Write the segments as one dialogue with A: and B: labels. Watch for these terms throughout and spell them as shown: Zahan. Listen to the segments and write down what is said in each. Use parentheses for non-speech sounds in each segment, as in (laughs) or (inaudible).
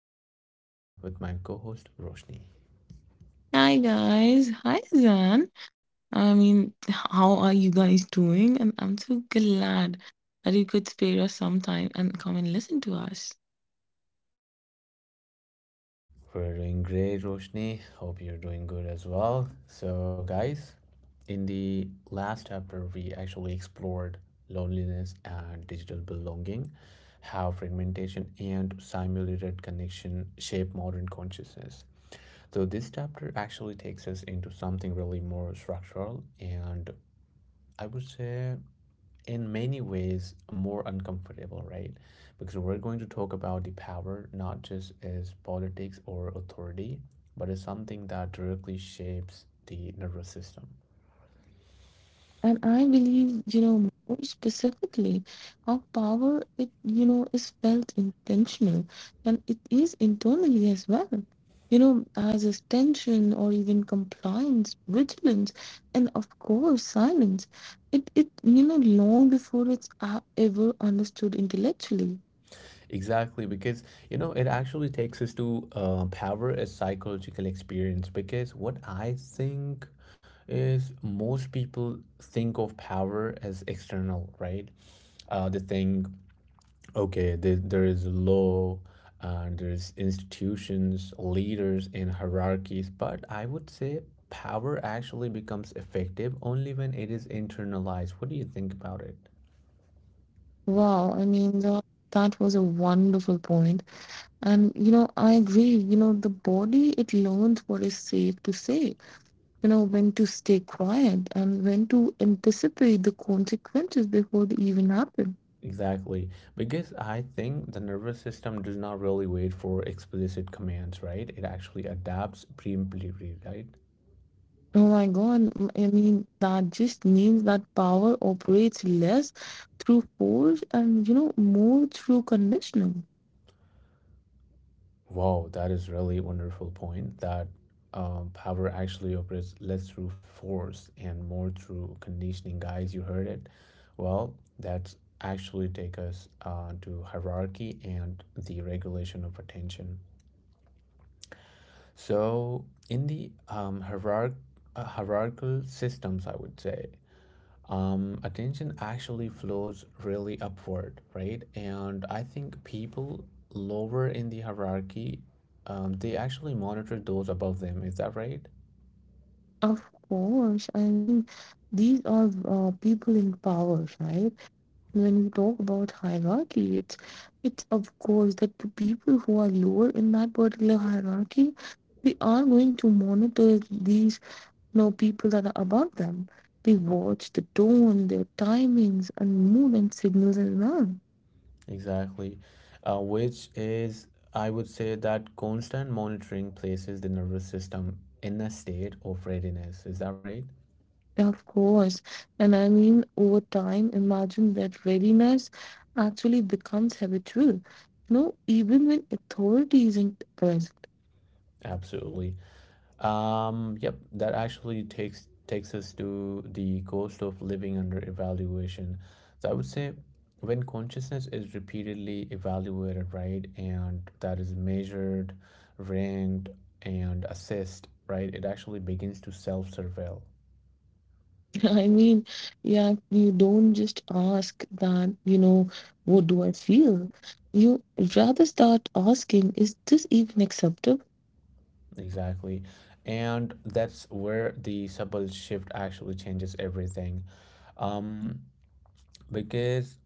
A: and I'm here with my co host Roshni.
B: Hi guys, hi Zan. How are you guys doing? And I'm so glad that you could spare us some time and come and listen to us.
A: We're doing great, Roshni. Hope you're doing good as well. So, guys, in the last chapter, we actually explored loneliness and digital belonging, how fragmentation and simulated connection shape modern consciousness. So, this chapter actually takes us into something really more structural and I would say in many ways more uncomfortable, right? Because we're going to talk about the power not just as politics or authority, but as something that directly shapes the nervous system.
B: And I believe, more specifically, how power is felt intentional and it is internally as well. You know, as is tension or even compliance, vigilance, and of course silence. It long before it's ever understood intellectually.
A: Exactly, because you know, it actually takes us to power as psychological experience. Because what I think is most people think of power as external, right? They think okay, there is law, and there's institutions, leaders, and hierarchies, but I would say power actually becomes effective only when it is internalized. What do you think about it?
B: Wow, that was a wonderful point. And, you know, I agree, you know, the body, it learns what is safe to say, you know, when to stay quiet and when to anticipate the consequences before they even happen.
A: Exactly, because I think the nervous system does not really wait for explicit commands, right? It actually adapts preemptively, right?
B: Oh my God, that just means that power operates less through force and, you know, more through conditioning.
A: Wow, that is really wonderful point that power actually operates less through force and more through conditioning. Guys, you heard it. Well, that's actually take us to hierarchy and the regulation of attention. So in the hierarchical systems, I would say attention actually flows really upward, right? And I think people lower in the hierarchy, they actually monitor those above them. Is that right?
B: Of course, these are people in power, right? When we talk about hierarchy, it's of course that the people who are lower in that particular hierarchy, they are going to monitor these, you know, people that are above them. They watch the tone, their timings, and mood and signals as well.
A: Exactly. Which is, I would say that constant monitoring places the nervous system in a state of readiness. Is that right?
B: Yeah, of course. And over time, imagine that readiness actually becomes habitual. You know, even when authority isn't present.
A: Absolutely. Yep, that actually takes us to the cost of living under evaluation. So I would say when consciousness is repeatedly evaluated, right, and that is measured, ranked, and assessed, right, it actually begins to self-surveil.
B: (laughs) I mean, yeah, you don't just ask that, you know, what do I feel? You rather start asking, is this even acceptable?
A: Exactly. And that's where the subtle shift actually changes everything. Um, because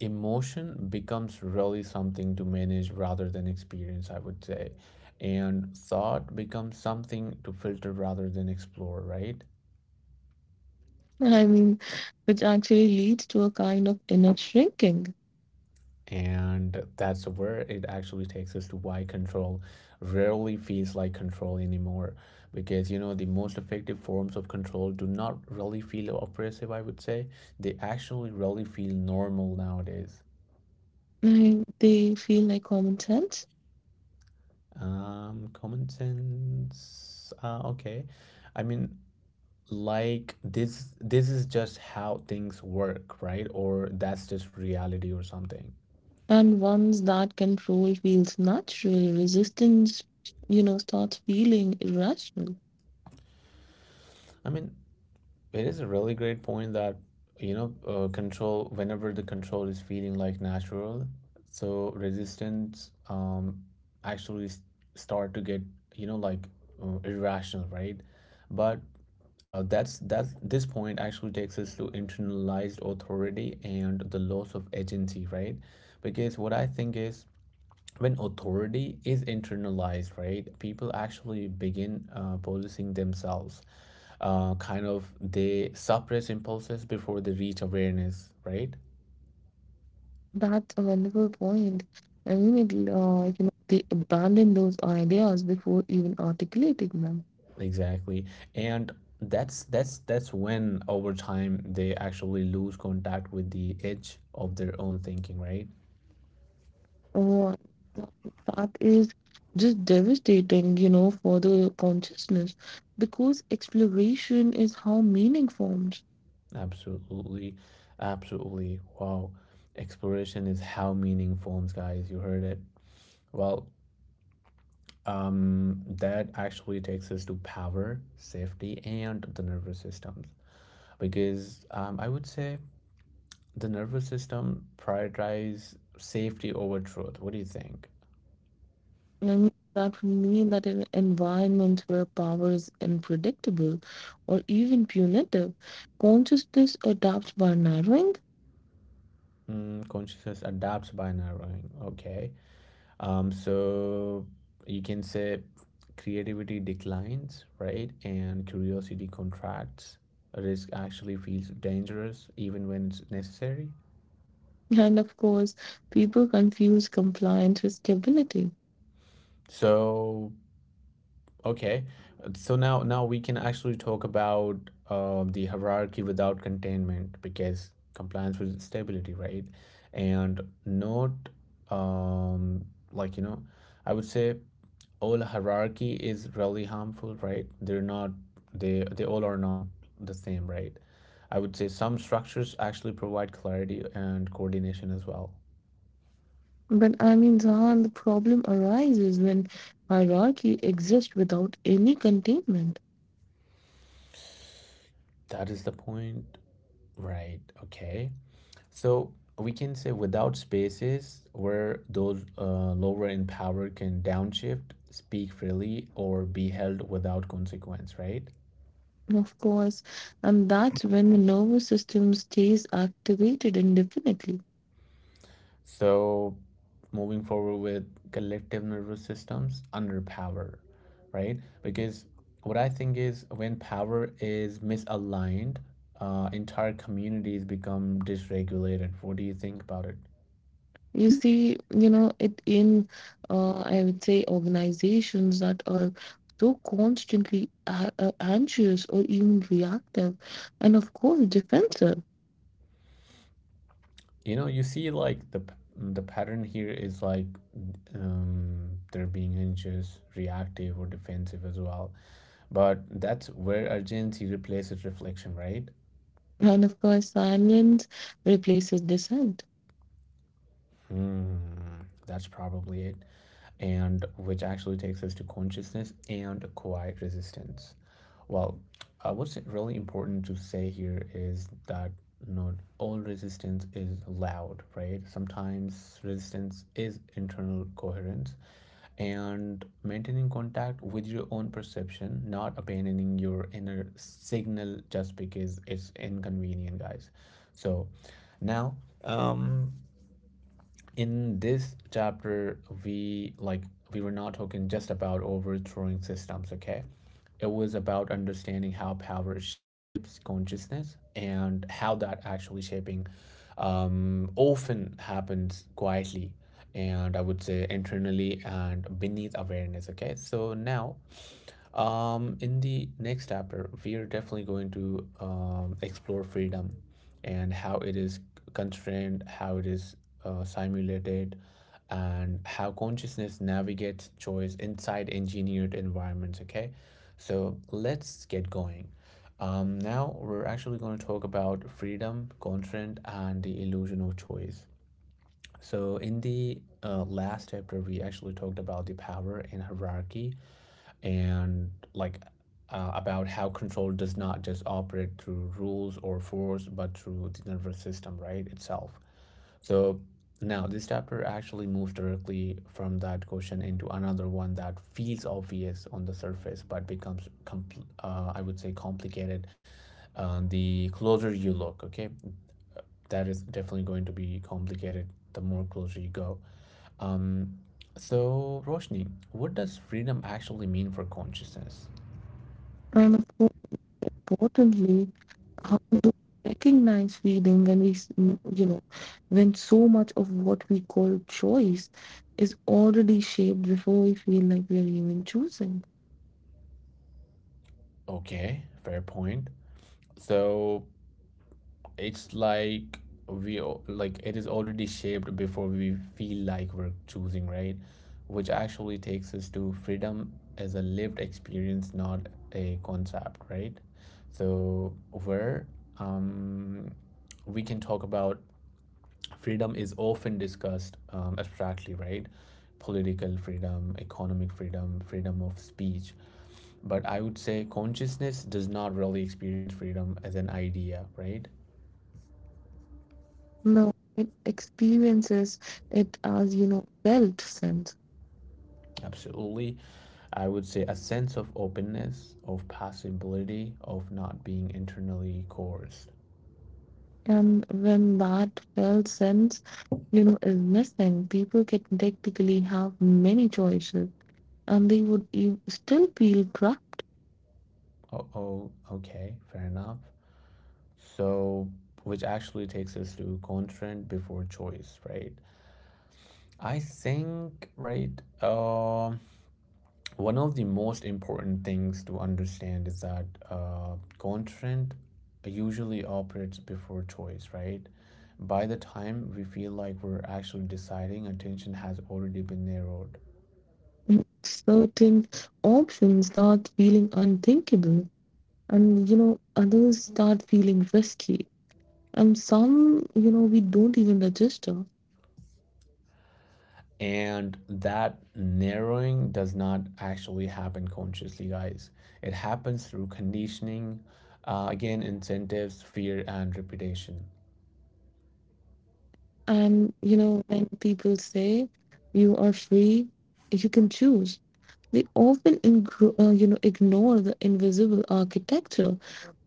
A: emotion becomes really something to manage rather than experience, I would say. And thought becomes something to filter rather than explore, right?
B: (laughs) I mean, which actually leads to a kind of inner shrinking.
A: And that's where it actually takes us to why control rarely feels like control anymore. Because, you know, the most effective forms of control do not really feel oppressive, I would say. They actually really feel normal nowadays.
B: I, they feel like common sense.
A: Common sense. Okay. I mean, like this is just how things work, right? Or that's just reality or something.
B: And once that control feels natural, resistance, you know, starts feeling irrational.
A: I mean, it is a really great point that you know control whenever the control is feeling like natural, so resistance actually s- start to get, you know, like irrational, right? But that's this point actually takes us to internalized authority and the loss of agency, right? Because what I think is when authority is internalized, right, people actually begin policing themselves. Kind of they suppress impulses before they reach awareness, right?
B: That's a wonderful point. They abandon those ideas before even articulating them.
A: Exactly, and that's when over time they actually lose contact with the edge of their own thinking, right?
B: Oh, that is just devastating, you know, for the consciousness because exploration is how meaning forms.
A: Absolutely, absolutely. Wow, exploration is how meaning forms, guys. You heard it. Well, that actually takes us to power, safety, and the nervous systems. Because I would say the nervous system prioritize safety over truth. What do you think?
B: That would mean that in environments where power is unpredictable or even punitive, consciousness adapts by narrowing.
A: Mm, consciousness adapts by narrowing. Okay. So you can say creativity declines, right? And curiosity contracts. Risk actually feels dangerous even when it's necessary.
B: And of course, people confuse compliance with stability.
A: So okay, so now we can actually talk about the hierarchy without containment because compliance with stability, right? And not um, like you know, I would say all hierarchy is really harmful, right? They're not, they all are not the same, right? I would say some structures actually provide clarity and coordination as well.
B: Zahan, the problem arises when hierarchy exists without any containment.
A: That is the point, right? Okay. So we can say without spaces where those lower in power can downshift, speak freely, or be held without consequence, right?
B: Of course, and that's when the nervous system stays activated indefinitely.
A: So moving forward with collective nervous systems under power, right? Because what I think is when power is misaligned, entire communities become dysregulated. What do you think about it?
B: You see, you know, it in I would say organizations that are so constantly anxious or even reactive, and of course defensive,
A: You know, you see, like the pattern here is like they're being anxious reactive or defensive as well, but that's where urgency replaces reflection, right?
B: and of course silence replaces dissent,
A: Hmm, that's probably it. And which actually takes us to consciousness and quiet resistance. Well, what's really important to say here is that not all resistance is loud, right? Sometimes resistance is internal coherence and maintaining contact with your own perception, not abandoning your inner signal just because it's inconvenient, guys. So now, um, in this chapter we like we were not talking just about overthrowing systems, okay? It was about understanding how power shapes consciousness and how that actually shaping often happens quietly, and I would say internally and beneath awareness. Okay, so now, in the next chapter, we are definitely going to explore freedom and how it is constrained, how it is simulated, and how consciousness navigates choice inside engineered environments. Okay, so let's get going. Now we're actually going to talk about freedom, constraint, and the illusion of choice. So, in the last chapter, we actually talked about the power and hierarchy, and like about how control does not just operate through rules or force, but through the nervous system, right, itself. So now this chapter actually moves directly from that question into another one that feels obvious on the surface, but becomes, I would say, complicated the closer you look, okay? That is definitely going to be complicated the more closer you go. Um, so, Roshni, what does freedom actually mean for consciousness?
B: and of course importantly how to recognize feeling when you know, when so much of what we call choice is already shaped before we feel like we are even choosing.
A: Okay, fair point. So, it's like like it is already shaped before we feel like we're choosing, right? Which actually takes us to freedom as a lived experience, not a concept, right? So, where um we can talk about freedom is often discussed abstractly, right? Political freedom, economic freedom, freedom of speech. But I would say consciousness does not really experience freedom as an idea, right?
B: No, it experiences it as, you know, felt sense.
A: Absolutely. I would say a sense of openness, of possibility, of not being internally coerced.
B: And when that felt sense, you know, is missing, people can technically have many choices and they would still feel trapped.
A: Oh, oh okay, fair enough. So, which actually takes us to constraint before choice, right? I think, right? One of the most important things to understand is that content usually operates before choice, right? By the time we feel like we're actually deciding, attention has already been narrowed.
B: In certain options start feeling unthinkable, and you know others start feeling risky, and some, you know, we don't even register.
A: And that narrowing does not actually happen consciously, guys. It happens through conditioning, again, incentives, fear, and repetition.
B: And you know when people say you are free, you can choose, they often ignore the invisible architecture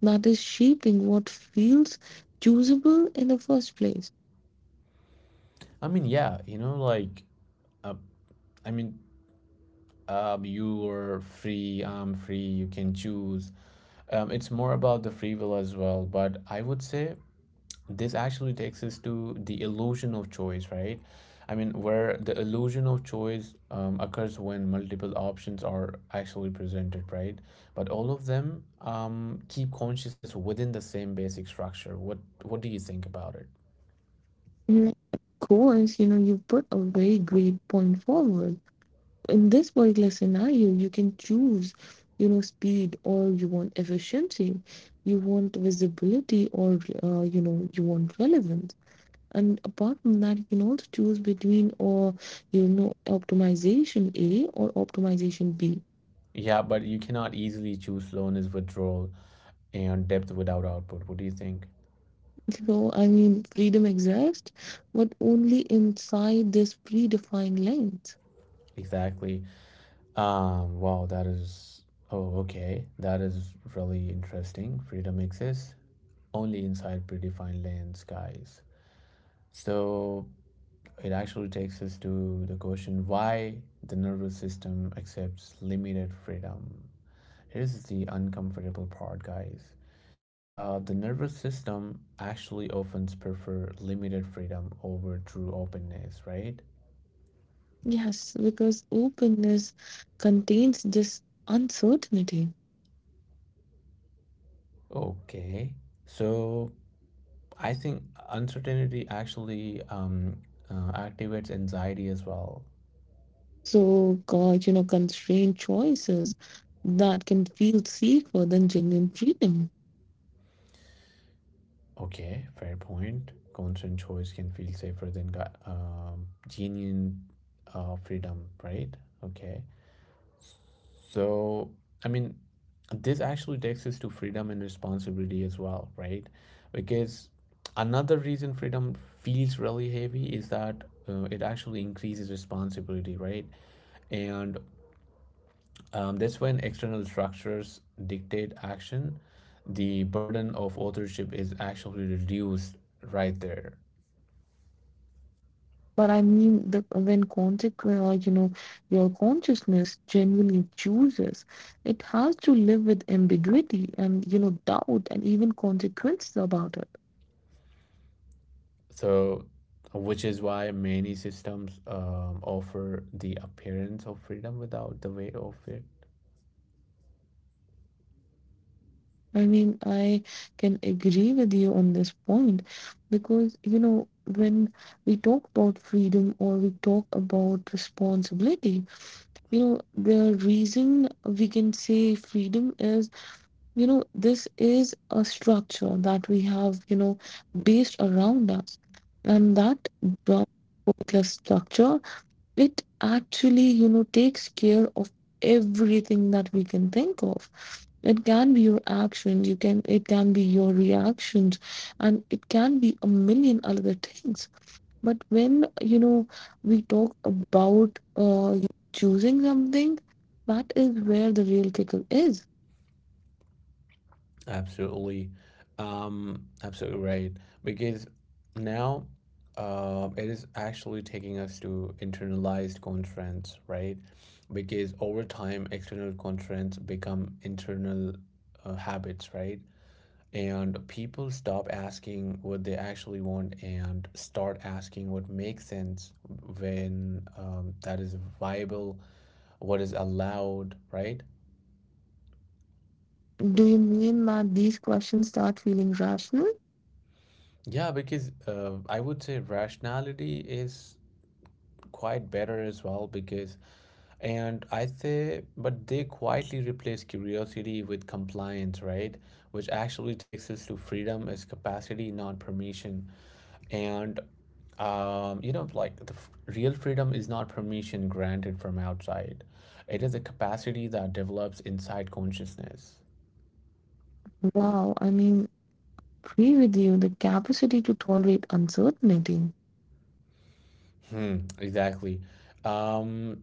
B: that is shaping what feels choosable in the first place.
A: I mean, yeah, you know, like, uh, I mean, you're free, I'm free, you can choose. It's more about the free will as well. But I would say this actually takes us to the illusion of choice, right? I mean, where the illusion of choice occurs when multiple options are actually presented, right? But all of them keep consciousness within the same basic structure. What do you think about it?
B: Mm, of course, you know, you put a very great point forward. In this particular scenario, you can choose, you know, speed or you want efficiency, you want visibility or, you know, you want relevance. And apart from that, you can also choose between or, you know, optimization A or optimization B.
A: Yeah, but you cannot easily choose slowness, withdrawal, and depth without output. What do you think?
B: So, freedom exists, but only inside this predefined length.
A: Exactly. Wow, that is. Oh, okay. That is really interesting. Freedom exists only inside predefined lanes, guys. So it actually takes us to the question why the nervous system accepts limited freedom. Here's the uncomfortable part, guys. The nervous system actually often prefer limited freedom over true openness, right?
B: Yes, because openness contains this uncertainty.
A: Okay. So I think uncertainty actually activates anxiety as well.
B: So, God, you know, constrained choices that can feel safer than genuine freedom.
A: Okay, fair point. Constant choice can feel safer than genuine freedom, right? Okay. So, I mean, this actually takes us to freedom and responsibility as well, right? Because another reason freedom feels really heavy is that it actually increases responsibility, right? And that's when external structures dictate action. The burden of authorship is actually reduced right there.
B: But I mean, the, When you know, your consciousness genuinely chooses, it has to live with ambiguity and, you know, doubt and even consequences about it.
A: So, which is why many systems offer the appearance of freedom without the way of it.
B: I can agree with you on this point because, you know, when we talk about freedom or we talk about responsibility, you know the reason we can say freedom is, you know, this is a structure that we have, you know, based around us, and that brown particular structure, it actually, you know, takes care of everything that we can think of. It can be your actions, you can, it can be your reactions, and it can be a million other things. But when, you know, we talk about you choosing something, that is where the real kicker is.
A: Absolutely. Absolutely right. Because now it is actually taking us to internalized constraints, right? Because over time, external constraints become internal habits, right? And people stop asking what they actually want and start asking what makes sense when that is viable, what is allowed, right?
B: Do you mean that these questions start feeling rational?
A: Yeah, because I would say rationality is quite better as well because and I say but they quietly replace curiosity with compliance, right? Which actually takes us to freedom is capacity not permission. And you know like real freedom is not permission granted from outside, it is a capacity that develops inside consciousness.
B: Wow, agree with you, the capacity to tolerate uncertainty.
A: Hmm exactly. um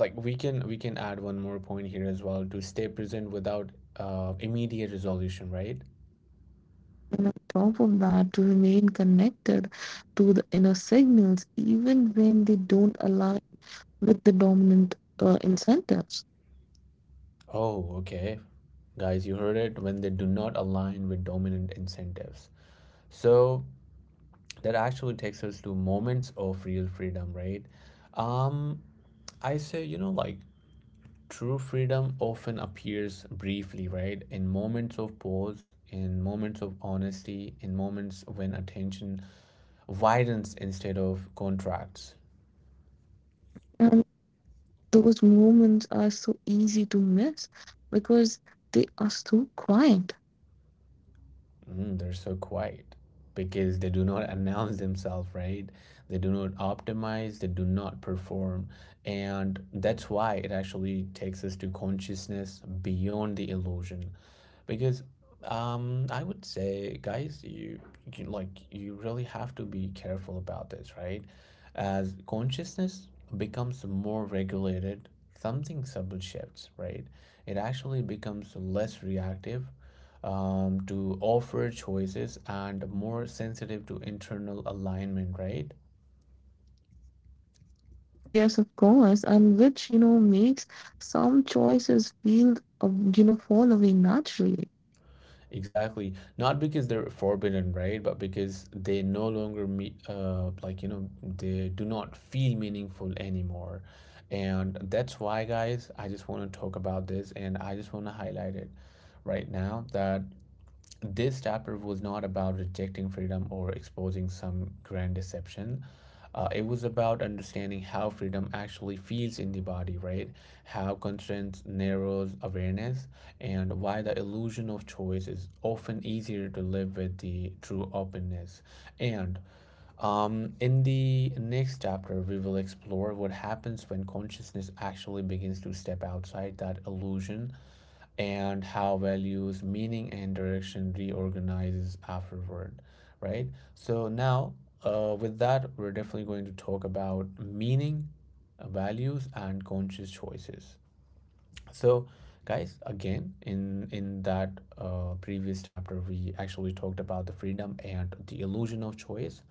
A: like we can add one more point here as well, to stay present without immediate resolution, right?
B: And on top of that, to remain connected to the inner signals, even when they don't align with the dominant incentives.
A: Oh, okay. Guys, you heard it when they do not align with dominant incentives. So that actually takes us to moments of real freedom, right? Um, I say, you know, like true freedom often appears briefly, right? In moments of pause, in moments of honesty, in moments when attention widens instead of contracts.
B: Those moments are so easy to miss because they are so quiet.
A: Mm, they're so quiet because they do not (laughs) announce themselves, right? They do not optimize, they do not perform. And that's why it actually takes us to consciousness beyond the illusion. Because I would say, guys, you really have to be careful about this, right? As consciousness becomes more regulated, something subtle shifts, right? It actually becomes less reactive to offer choices and more sensitive to internal alignment, right?
B: Yes, of course, and which you know makes some choices feel you know, fall away naturally.
A: Exactly. Not because they're forbidden, right? But because they no longer meet, they do not feel meaningful anymore. And that's why, guys, I just want to talk about this and I just want to highlight it right now that this chapter was not about rejecting freedom or exposing some grand deception. It was about understanding how freedom actually feels in the body, right? How constraint narrows awareness, and why the illusion of choice is often easier to live with the true openness. And in the next chapter, we will explore what happens when consciousness actually begins to step outside that illusion and how values, meaning, and direction reorganizes afterward, right? So now, with that, we're definitely going to talk about meaning, values, and conscious choices. So guys, again, in that previous chapter we actually talked about the freedom and the illusion of choice,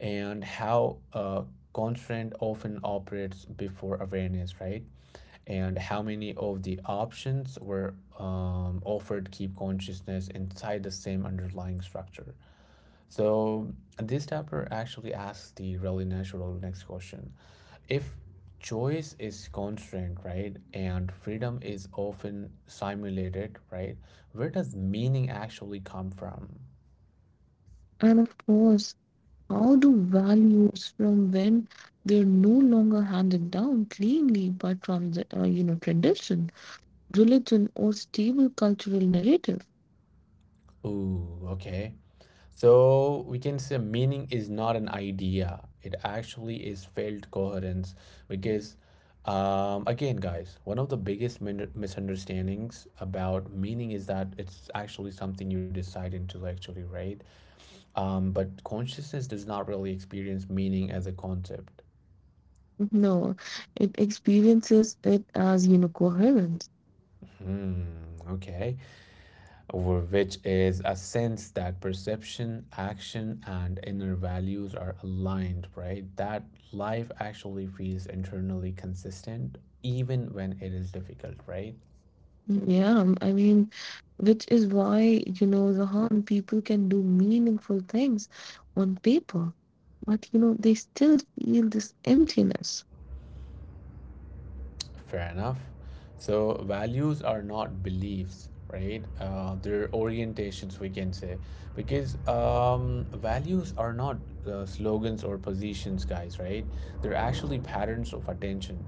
A: and how constraint often operates before awareness, right? And how many of the options were offered keep consciousness inside the same underlying structure. So this chapter actually asks the really natural next question. If choice is constrained, right, and freedom is often simulated, right, where does meaning actually come from?
B: And of course, how do values from when they're no longer handed down cleanly, but from the you know, tradition, religion, or stable cultural narrative?
A: Ooh, okay. So we can say meaning is not an idea. It actually is felt coherence. Because again, guys, one of the biggest misunderstandings about meaning is that it's actually something you decide intellectually, right? But consciousness does not really experience meaning as a concept.
B: No, it experiences it as, you know, coherence.
A: Hmm, okay. Over which is a sense that perception, action, and inner values are aligned, right? That life actually feels internally consistent, even when it is difficult, right?
B: Yeah, which is why, you know, Zahan, people can do meaningful things on paper, but you know, they still feel this emptiness
A: Fair enough. So values are not beliefs, right? They're orientations, we can say, because values are not slogans or positions, guys, right? They're actually patterns of attention.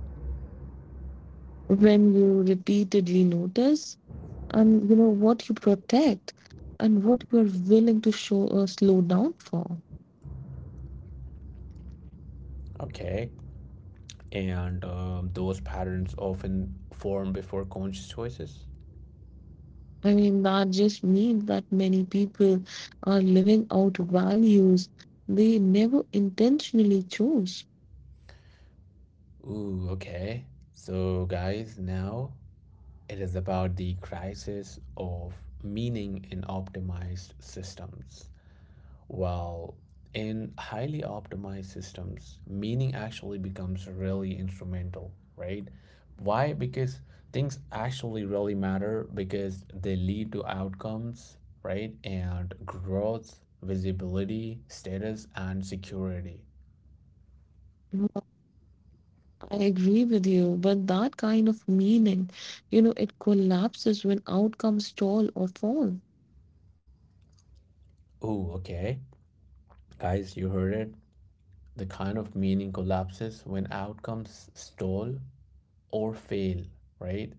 B: when you repeatedly notice and you know what you protect and what you're willing to show or slow down for.
A: Okay. And those patterns often form before conscious choices.
B: That just means that many people are living out values they never intentionally chose.
A: Ooh, okay. So, guys, now it is about the crisis of meaning in optimized systems. Well, in highly optimized systems, meaning actually becomes really instrumental, right? Why? Because things actually really matter because they lead to outcomes, right? And growth, visibility, status, and security.
B: I agree with you, but that kind of meaning, you know, it collapses when outcomes stall or fall.
A: Ooh, okay. Guys, you heard it. The kind of meaning collapses when outcomes stall or fail, right?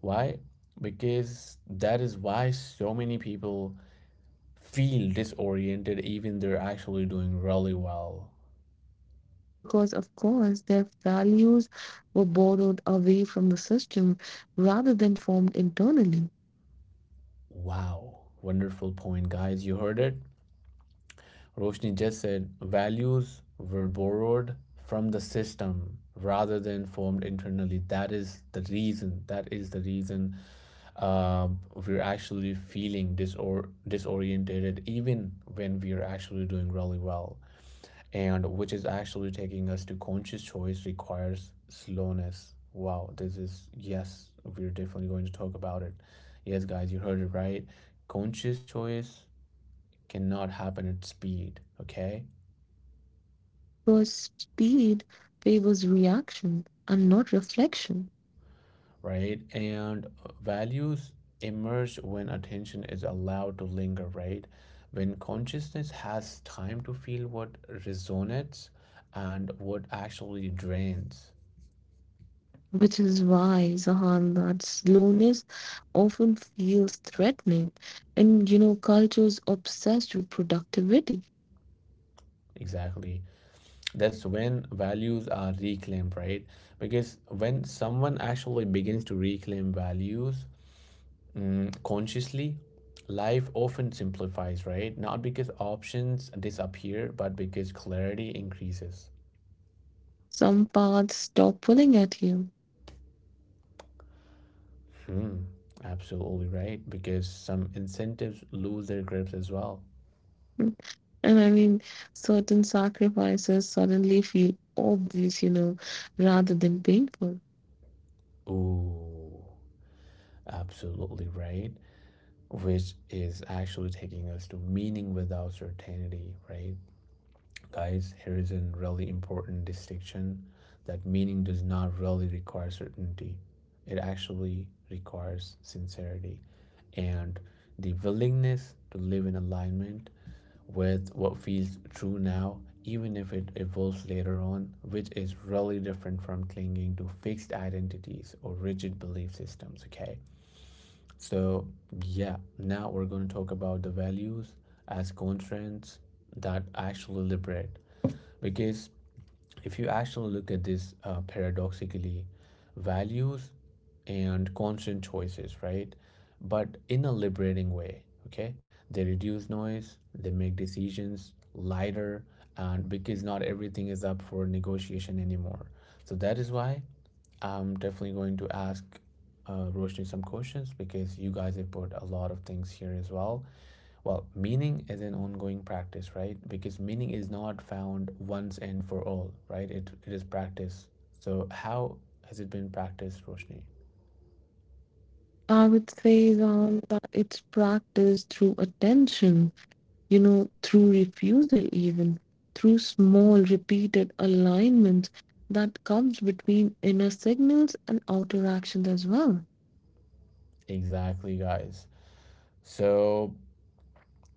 A: Why? Because that is why so many people feel disoriented, even they're actually doing really well.
B: Because, of course, their values were borrowed away from the system rather than formed internally.
A: Wow, wonderful point, guys. You heard it. Roshni just said values were borrowed from the system rather than formed internally. That is the reason. That is the reason uh, we're actually feeling disoriented, even when we are actually doing really well. And which is actually taking us to conscious choice requires slowness. Wow, this is, yes, we're definitely going to talk about it. Yes, guys, you heard it right. Conscious choice cannot happen at speed, okay?
B: Because speed favors reaction and not reflection,
A: Right? And values emerge when attention is allowed to linger, right? When consciousness has time to feel what resonates and what actually drains.
B: which is why, Zahan, that slowness often feels threatening. And, you know, cultures obsessed with productivity.
A: Exactly. That's when values are reclaimed, right? Because when someone actually begins to reclaim values, mm, consciously, life often simplifies, right? Not because options disappear, but because clarity increases.
B: Some paths stop pulling at you.
A: Hmm, absolutely right, because some incentives lose their grips as well.
B: And I mean, Certain sacrifices suddenly feel obvious, you know, rather than painful.
A: Ooh, absolutely right, which is actually taking us to meaning without certainty, right? Guys, here is a really important distinction, that meaning does not really require certainty. It actually requires sincerity and the willingness to live in alignment with what feels true now, even if it evolves later on, which is really different from clinging to fixed identities or rigid belief systems, okay? So, yeah, now we're going to talk about the values as constraints that actually liberate. Because if you actually look at this, paradoxically, values and constant choices, right? But in a liberating way, okay? They reduce noise, they make decisions lighter, and because not everything is up for negotiation anymore. So that is why I'm definitely going to ask Roshni some questions, because you guys have put a lot of things here as well. Well, meaning is an ongoing practice, right? Because meaning is not found once and for all, right? It is practice. So, how has it been practiced, Roshni?
B: I would say Ram, that it's practiced through attention, you know, through refusal, even through small, repeated alignment that comes between inner signals and outer actions as well.
A: Exactly, guys. So,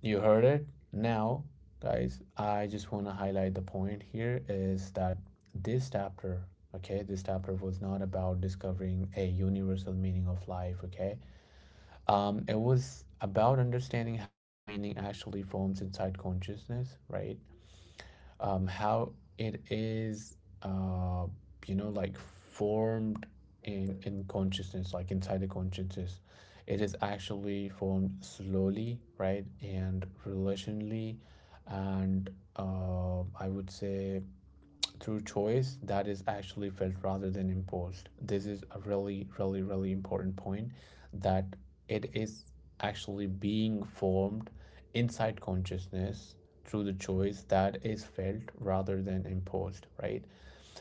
A: you heard it. Now, guys, I just want to highlight the point here is that this chapter, okay, this chapter was not about discovering a universal meaning of life, okay? It was about understanding how meaning actually forms inside consciousness, right? How it is, uh, formed in consciousness, like inside the consciousness. It is actually formed slowly, right, and relationally, and I would say through choice that is actually felt rather than imposed. This is a really, really, really important point, that it is actually being formed inside consciousness through the choice that is felt rather than imposed, right?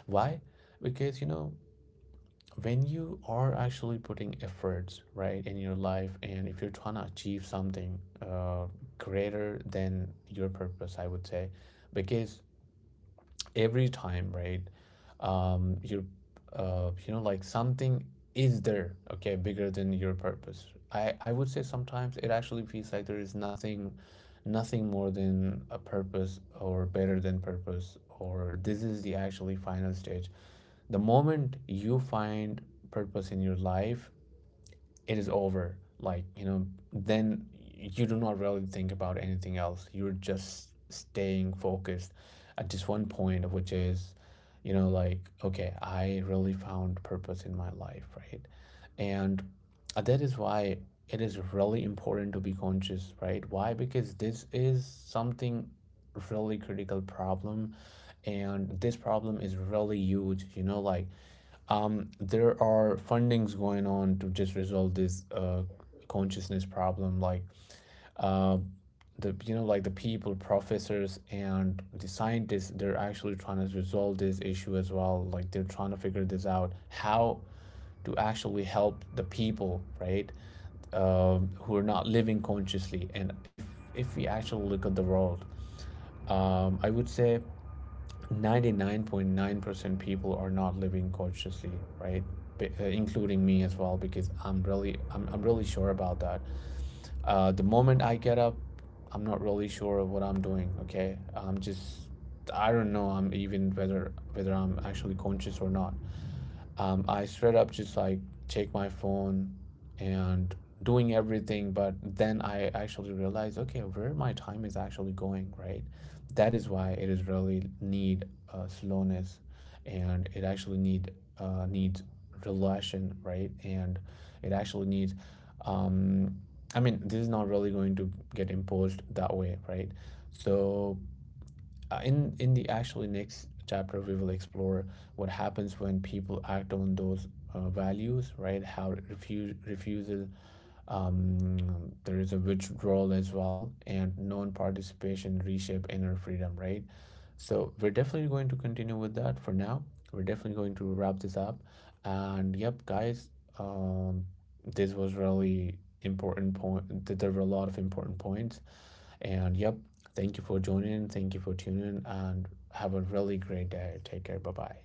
A: Why? Because, you know, when you are actually putting efforts, right, in your life, and if you're trying to achieve something greater than your purpose, I would say, because every time, right? You're, you know, like something is there, okay, bigger than your purpose. I would say sometimes it actually feels like there is nothing, nothing more than a purpose or better than purpose, or this is the actually final stage. The moment you find purpose in your life, it is over, like, you know. Then you do not really think about anything else, you're just staying focused at just one point, which is, you know, like, okay, I really found purpose in my life, right? And that is why it is really important to be conscious, right? Why? Because this is something really critical problem, and this problem is really huge, you know, like, there are fundings going on to just resolve this consciousness problem, like, uh, the, you know, like, the people, professors, and the scientists, they're actually trying to resolve this issue as well, like, they're trying to figure this out, how to actually help the people, right? Who are not living consciously, and if we actually look at the world, I would say 99.9% people are not living consciously, right? Including me as well, because I'm really sure about that. The moment I get up, I'm not really sure of what I'm doing, okay? I'm just, I don't know, I'm even whether I'm actually conscious or not. I straight up just like take my phone and doing everything. But then I actually realized, okay, where my time is actually going, right? That is why it is really need slowness, and it actually needs relation, right? And it actually needs. Um, I mean, this is not really going to get imposed that way, right? So in the actually next chapter, we will explore what happens when people act on those values, right? How refuse refusal, um, there is a withdrawal as well, and non-participation reshape inner freedom, right? So we're definitely going to continue with that. For now, we're definitely going to wrap this up, and yep, guys, um, this was really important point. There were a lot of important points, and yep, thank you for joining. Thank you for tuning in, and have a really great day. Take care. Bye bye.